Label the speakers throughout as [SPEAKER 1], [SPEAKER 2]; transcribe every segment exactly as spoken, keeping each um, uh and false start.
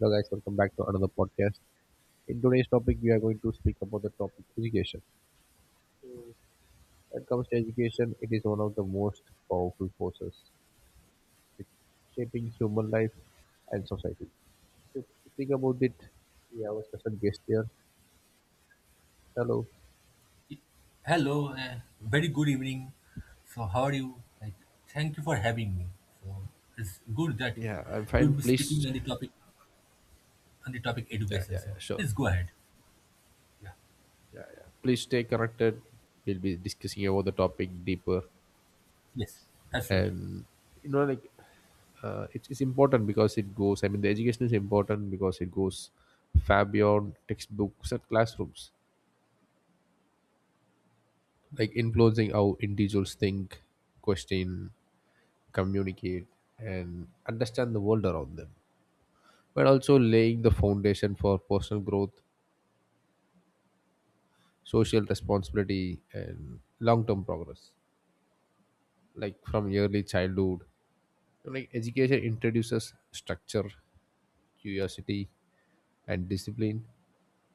[SPEAKER 1] Hello, guys, welcome back to another podcast. In today's topic, we are going to speak about the topic education. When it comes to education, it is one of the most powerful forces which shaping human life and society. So, to speak about it, we have a special guest here. Hello.
[SPEAKER 2] Hello, uh, very good evening. So, how are you? Like, thank you for having me. So, it's good that
[SPEAKER 1] Yeah, I'm fine.
[SPEAKER 2] you'll be speaking
[SPEAKER 1] Please.
[SPEAKER 2] on the topic on the topic
[SPEAKER 1] Yeah,
[SPEAKER 2] education.
[SPEAKER 1] yeah,
[SPEAKER 2] So,
[SPEAKER 1] yeah, sure.
[SPEAKER 2] please go ahead. Yeah.
[SPEAKER 1] Yeah, yeah. Please stay connected. We'll be discussing about the topic deeper.
[SPEAKER 2] Yes, absolutely.
[SPEAKER 1] And, you know, like uh, it's, it's important because it goes, i mean the education is important because it goes far beyond textbooks and classrooms, like influencing how individuals think, question, communicate, and understand the world around them, but also laying the foundation for personal growth, social responsibility, and long-term progress. Like from early childhood, like education introduces structure, curiosity, and discipline,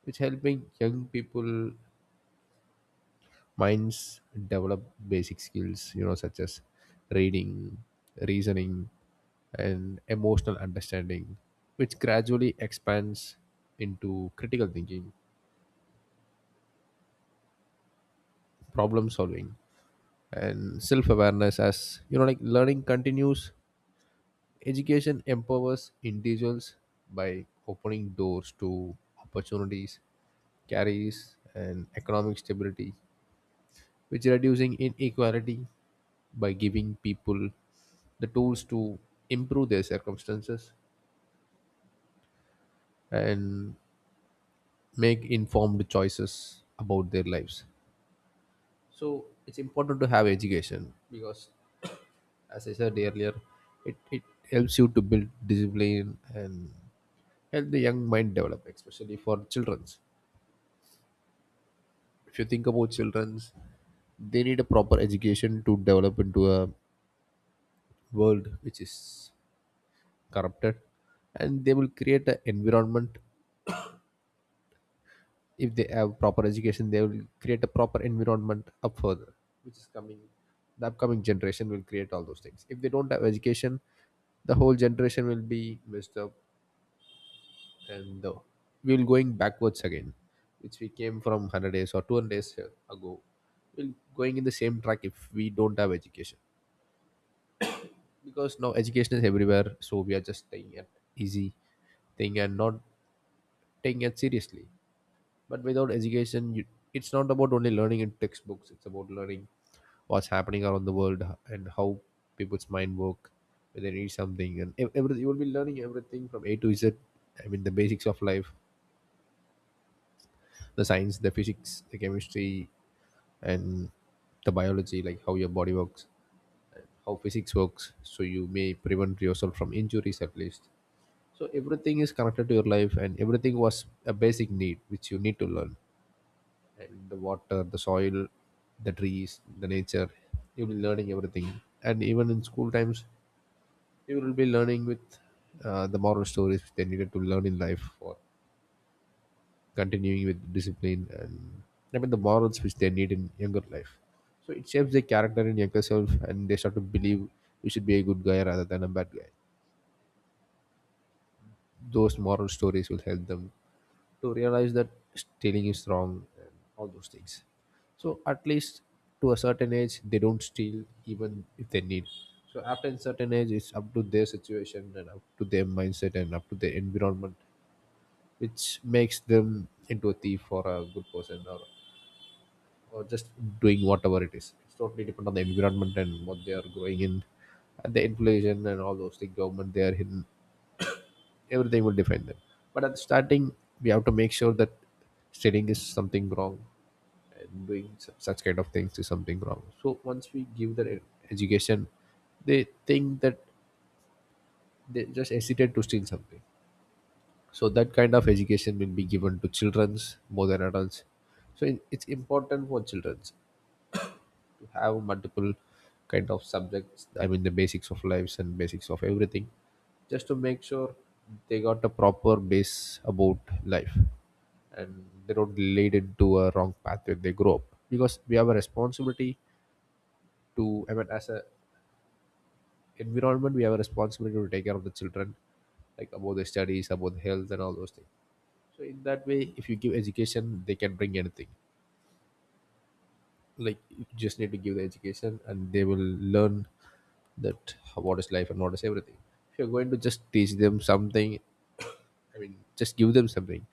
[SPEAKER 1] which helping young people minds develop basic skills, you know such as reading, reasoning, and emotional understanding, which gradually expands into critical thinking, problem solving, and self awareness. As you know like learning continues, education empowers individuals by opening doors to opportunities, carries and economic stability, which reducing inequality by giving people the tools to improve their circumstances and make informed choices about their lives. So it's important to have education because, as I said earlier, it, it helps you to build discipline and help the young mind develop, especially for children's. If you think about children's, they need a proper education to develop into a world which is corrupted, and they will create an environment. If they have proper education, they will create a proper environment up further, which is coming. The upcoming generation will create all those things. If they don't have education, the whole generation will be messed up, and uh, we'll going backwards again, which we came from one hundred days or two hundred days ago. We'll going in the same track if we don't have education, because now education is everywhere, so we are just staying at easy thing and not taking it seriously. But without education you, it's not about only learning in textbooks, it's about learning what's happening around the world and how people's mind work when they read something. And ev- every, you will be learning everything from a to z, i mean the basics of life, the science, the physics, the chemistry, and the biology, like how your body works, how physics works, so you may prevent yourself from injuries at least. So everything is connected to your life, and everything was a basic need which you need to learn, and the water, the soil, the trees, the nature. You'll be learning everything, and even in school times, you will be learning with uh, the moral stories which they needed to learn in life for continuing with discipline, and I mean the morals which they need in younger life. So it shapes their character in younger self, and they start to believe you should be a good guy rather than a bad guy. Those moral stories will help them to realize that stealing is wrong and all those things. So at least to a certain age, they don't steal even if they need. So after a certain age, it's up to their situation and up to their mindset and up to their environment, which makes them into a thief or a good person, or or just doing whatever it is. It's totally depend on the environment and what they are growing in, and the inflation and all those things. Government they are in, everything will define them. But at the starting, we have to make sure that studying is something wrong and doing su- such kind of things is something wrong. So once we give the education, they think that they just hesitate to steal something. So that kind of education will be given to children's more than adults. So it- it's important for children's have multiple kind of subjects, i mean the basics of lives and basics of everything, just to make sure they got a proper base about life and they don't lead into a wrong path when they grow up, because we have a responsibility to, I mean, as a environment we have a responsibility to take care of the children, like about the studies, about the health, and all those things. So in that way, if you give education they can bring anything. Like you just need to give the education and they will learn that how- what is life and what is everything. If you're going to just teach them something, I mean just give them something,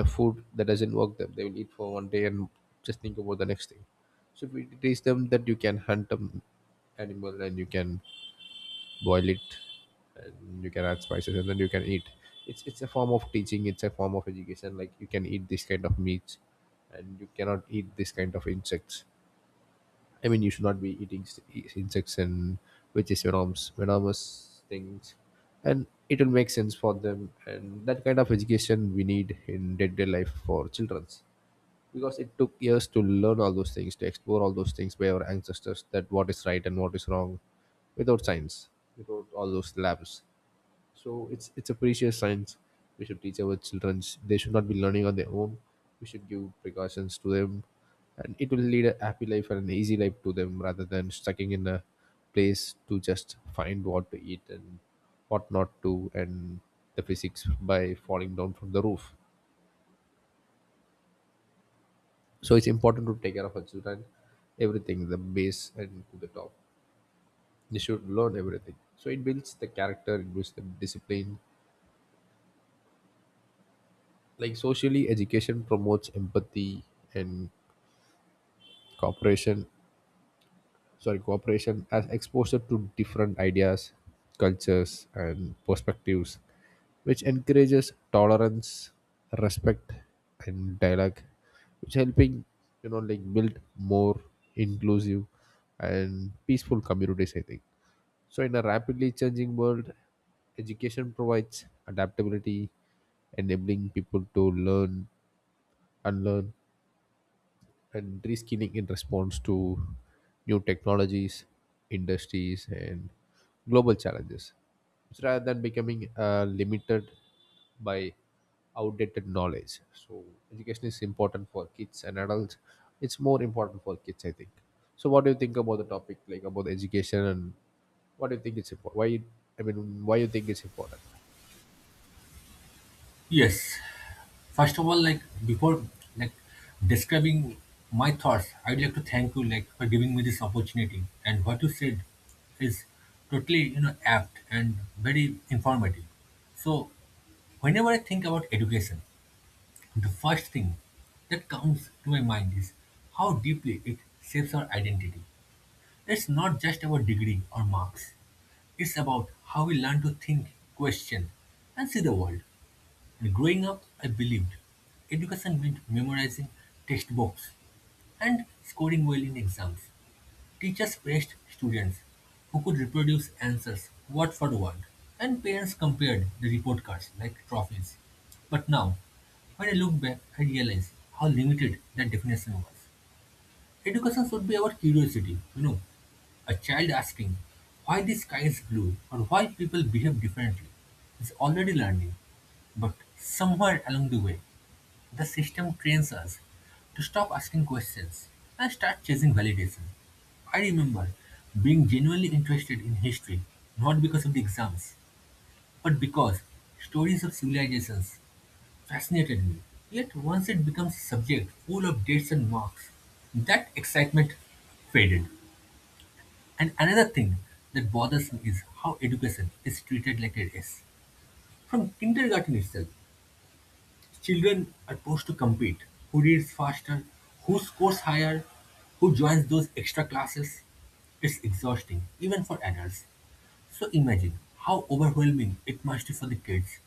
[SPEAKER 1] the food that doesn't work them, they will eat for one day and just think about the next thing. So if we teach them that you can hunt an animal and you can boil it and you can add spices and then you can eat, it's it's a form of teaching, it's a form of education. Like you can eat this kind of meat, and you cannot eat this kind of insects. I mean, you should not be eating st- insects and which is venomous, venomous things, and it will make sense for them. And that kind of education we need in day-to-day life for childrens, because it took years to learn all those things, to explore all those things by our ancestors, that what is right and what is wrong, without science, without all those labs. So it's it's a precious science. We should teach our children. They should not be learning on their own. We should give precautions to them, and it will lead a happy life and an easy life to them rather than stucking in a place to just find what to eat and what not to, and the physics by falling down from the roof. So it's important to take care of our children, everything, the base and to the top. They should learn everything. So it builds the character, it builds the discipline. Like socially education promotes empathy and cooperation, sorry cooperation, as exposure to different ideas, cultures, and perspectives, which encourages tolerance, respect, and dialogue, which helping, you know like, build more inclusive and peaceful communities, I think. So in a rapidly changing world, education provides adaptability, enabling people to learn, unlearn, and reskilling in response to new technologies, industries, and global challenges. So rather than becoming uh, limited by outdated knowledge. So education is important for kids and adults. It's more important for kids, I think. So what do you think about the topic, like about education, and what do you think it's important? Why? You, I mean, why you think it's important?
[SPEAKER 2] Yes. First of all, like before, like describing my thoughts, I'd like to thank you, like, for giving me this opportunity. And what you said is totally, you know, apt and very informative. So, whenever I think about education, the first thing that comes to my mind is how deeply it shapes our identity. It's not just about degree or marks, it's about how we learn to think, question, and see the world. And growing up, I believed education meant memorizing textbooks and scoring well in exams. Teachers praised students who could reproduce answers word for word, and parents compared the report cards like trophies. But now, when I look back, I realize how limited that definition was. Education should be about curiosity, you know. A child asking why the sky is blue or why people behave differently is already learning, but somewhere along the way, the system trains us to stop asking questions and start chasing validation. I remember being genuinely interested in history, not because of the exams, but because stories of civilizations fascinated me. Yet once it becomes a subject full of dates and marks, that excitement faded. And another thing that bothers me is how education is treated like a race. From kindergarten itself, children are forced to compete: who reads faster, who scores higher, who joins those extra classes. It's exhausting, even for adults. So imagine how overwhelming it must be for the kids.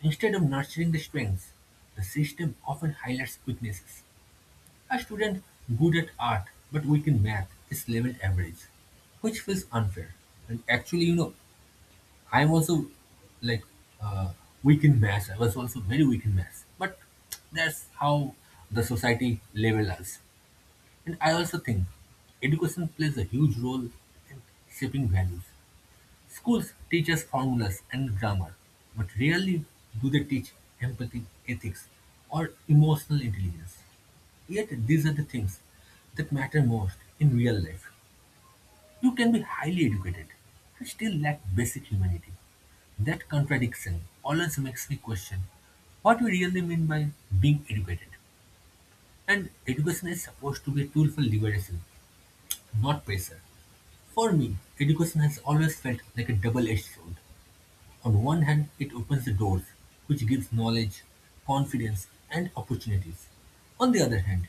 [SPEAKER 2] Instead of nurturing the strengths, the system often highlights weaknesses. A student good at art but weak in math is labeled average, which feels unfair. And actually, you know, I'm also like uh, weak in maths. I was also very weak in maths. But that's how the society level us. And I also think education plays a huge role in shaping values. Schools teach us formulas and grammar, but rarely do they teach empathy, ethics, or emotional intelligence. Yet these are the things that matter most in real life. You can be highly educated and still lack basic humanity. That contradiction always makes me question what we really mean by being educated. And education is supposed to be a tool for liberation, not pressure. For me, education has always felt like a double edged sword. On one hand, it opens the doors, which gives knowledge, confidence, and opportunities. On the other hand,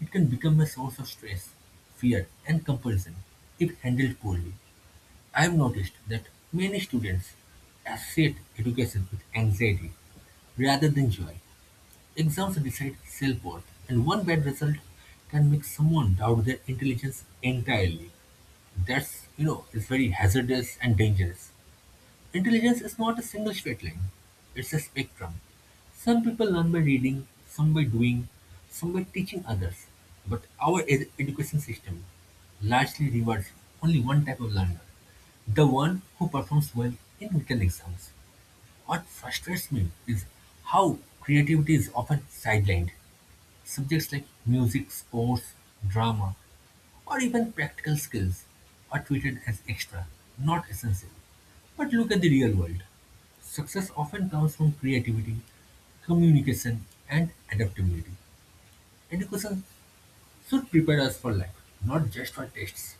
[SPEAKER 2] it can become a source of stress, fear, and compulsion if handled poorly. I've noticed that many students associate education with anxiety rather than joy. Exams decide self-worth, and one bad result can make someone doubt their intelligence entirely. That's, you know, is very hazardous and dangerous. Intelligence is not a single straight line, it's a spectrum. Some people learn by reading, some by doing, some by teaching others. But our ed- education system largely rewards only one type of learner, the one who performs well in written exams. What frustrates me is how creativity is often sidelined. Subjects like music, sports, drama, or even practical skills are treated as extra, not essential. But look at the real world. Success often comes from creativity, communication, and adaptability. Education should prepare us for life, not just for tests.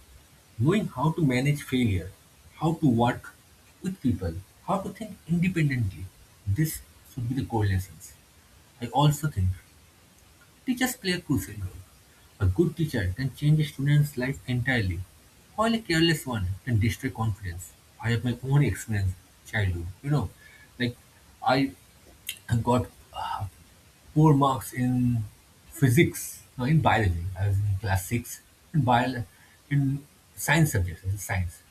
[SPEAKER 2] Knowing how to manage failure, how to work with people, how to think independently, this should be the core lessons. I also think teachers play a crucial role. A good teacher can change a student's life entirely, while a careless one can destroy confidence. I have my own experience, childhood. You know, like I got uh, poor marks in physics, no, in biology. I was in class six in bio, in science subjects, in science,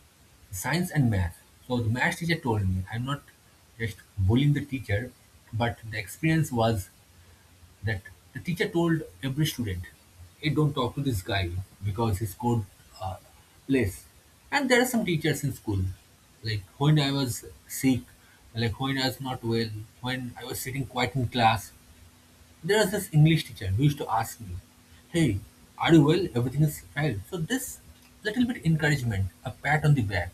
[SPEAKER 2] science and math. So the math teacher told me, I'm not just bullying the teacher, but the experience was that the teacher told every student, "Hey, don't talk to this guy because he scored uh, less." And there are some teachers in school, like when I was sick, like when I was not well, when I was sitting quiet in class, there was this English teacher who used to ask me, "Hey, are you well? Everything is fine." So, this little bit encouragement, a pat on the back,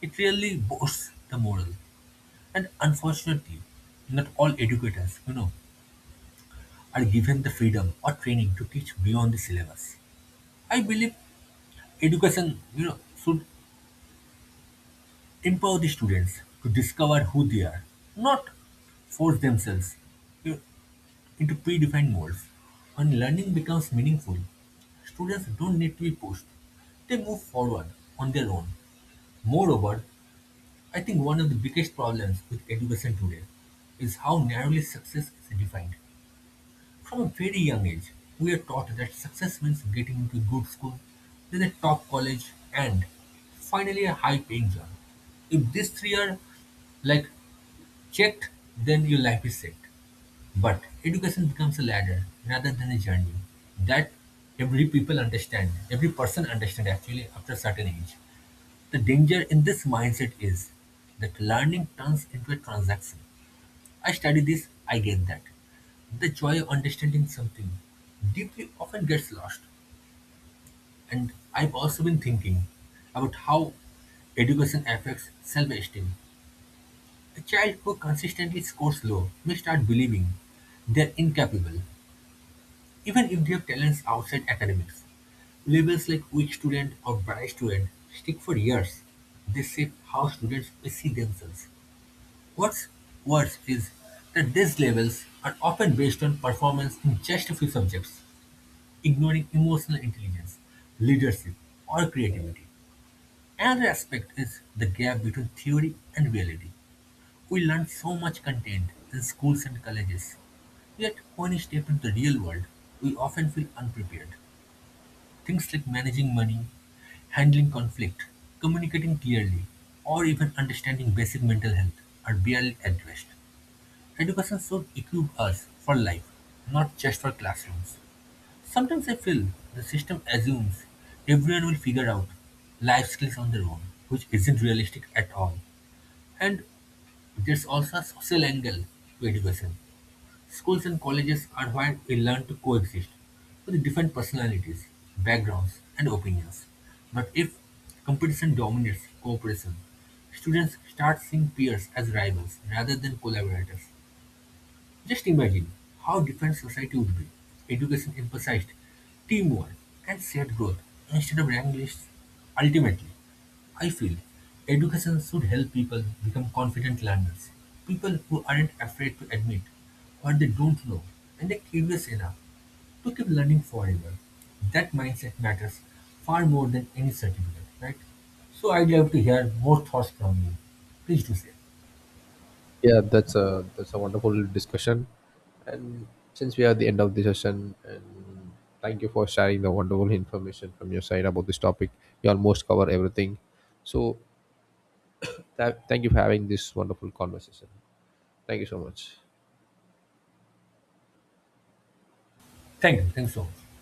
[SPEAKER 2] it really boosts the morale. And unfortunately, not all educators, you know, are given the freedom or training to teach beyond the syllabus. I believe education, you know, should empower the students to discover who they are, not force themselves, you know, into predefined molds. When learning becomes meaningful, students don't need to be pushed. They move forward on their own. Moreover, I think one of the biggest problems with education today is how narrowly success is defined. From a very young age, we are taught that success means getting into a good school, then a top college, and finally a high paying job. If these three are like checked, then your life is set. But education becomes a ladder rather than a journey. That every people understand, every person understand actually after a certain age. The danger in this mindset is that learning turns into a transaction. I study this, I get that. The joy of understanding something deeply often gets lost. And I've also been thinking about how education affects self-esteem. A child who consistently scores low may start believing they're incapable. Even if they have talents outside academics, labels like weak student or bright student stick for years. They shape how students may see themselves. What's worse is that these labels are often based on performance in just a few subjects, ignoring emotional intelligence, leadership, or creativity. Another aspect is the gap between theory and reality. We learn so much content in schools and colleges, yet, when we step into the real world, we often feel unprepared. Things like managing money, handling conflict, communicating clearly, or even understanding basic mental health are barely addressed. Education should equip us for life, not just for classrooms. Sometimes I feel the system assumes everyone will figure out life skills on their own, which isn't realistic at all. And there's also a social angle to education. Schools and colleges are where we learn to coexist with different personalities, backgrounds, and opinions. But if competition dominates cooperation, students start seeing peers as rivals rather than collaborators. Just imagine how different society would be. Education emphasized teamwork and shared growth instead of rank lists. Ultimately, I feel education should help people become confident learners, people who aren't afraid to admit what they don't know and are curious enough to keep learning forever. That mindset matters far more than any certificate, right? So I'd love to hear more thoughts from you. Please do say.
[SPEAKER 1] Yeah, that's a that's a wonderful discussion. And since we are at the end of the session, and thank you for sharing the wonderful information from your side about this topic. You almost cover everything. So, tha- thank you for having this wonderful conversation. Thank you so much.
[SPEAKER 2] Thank you. Thanks so much.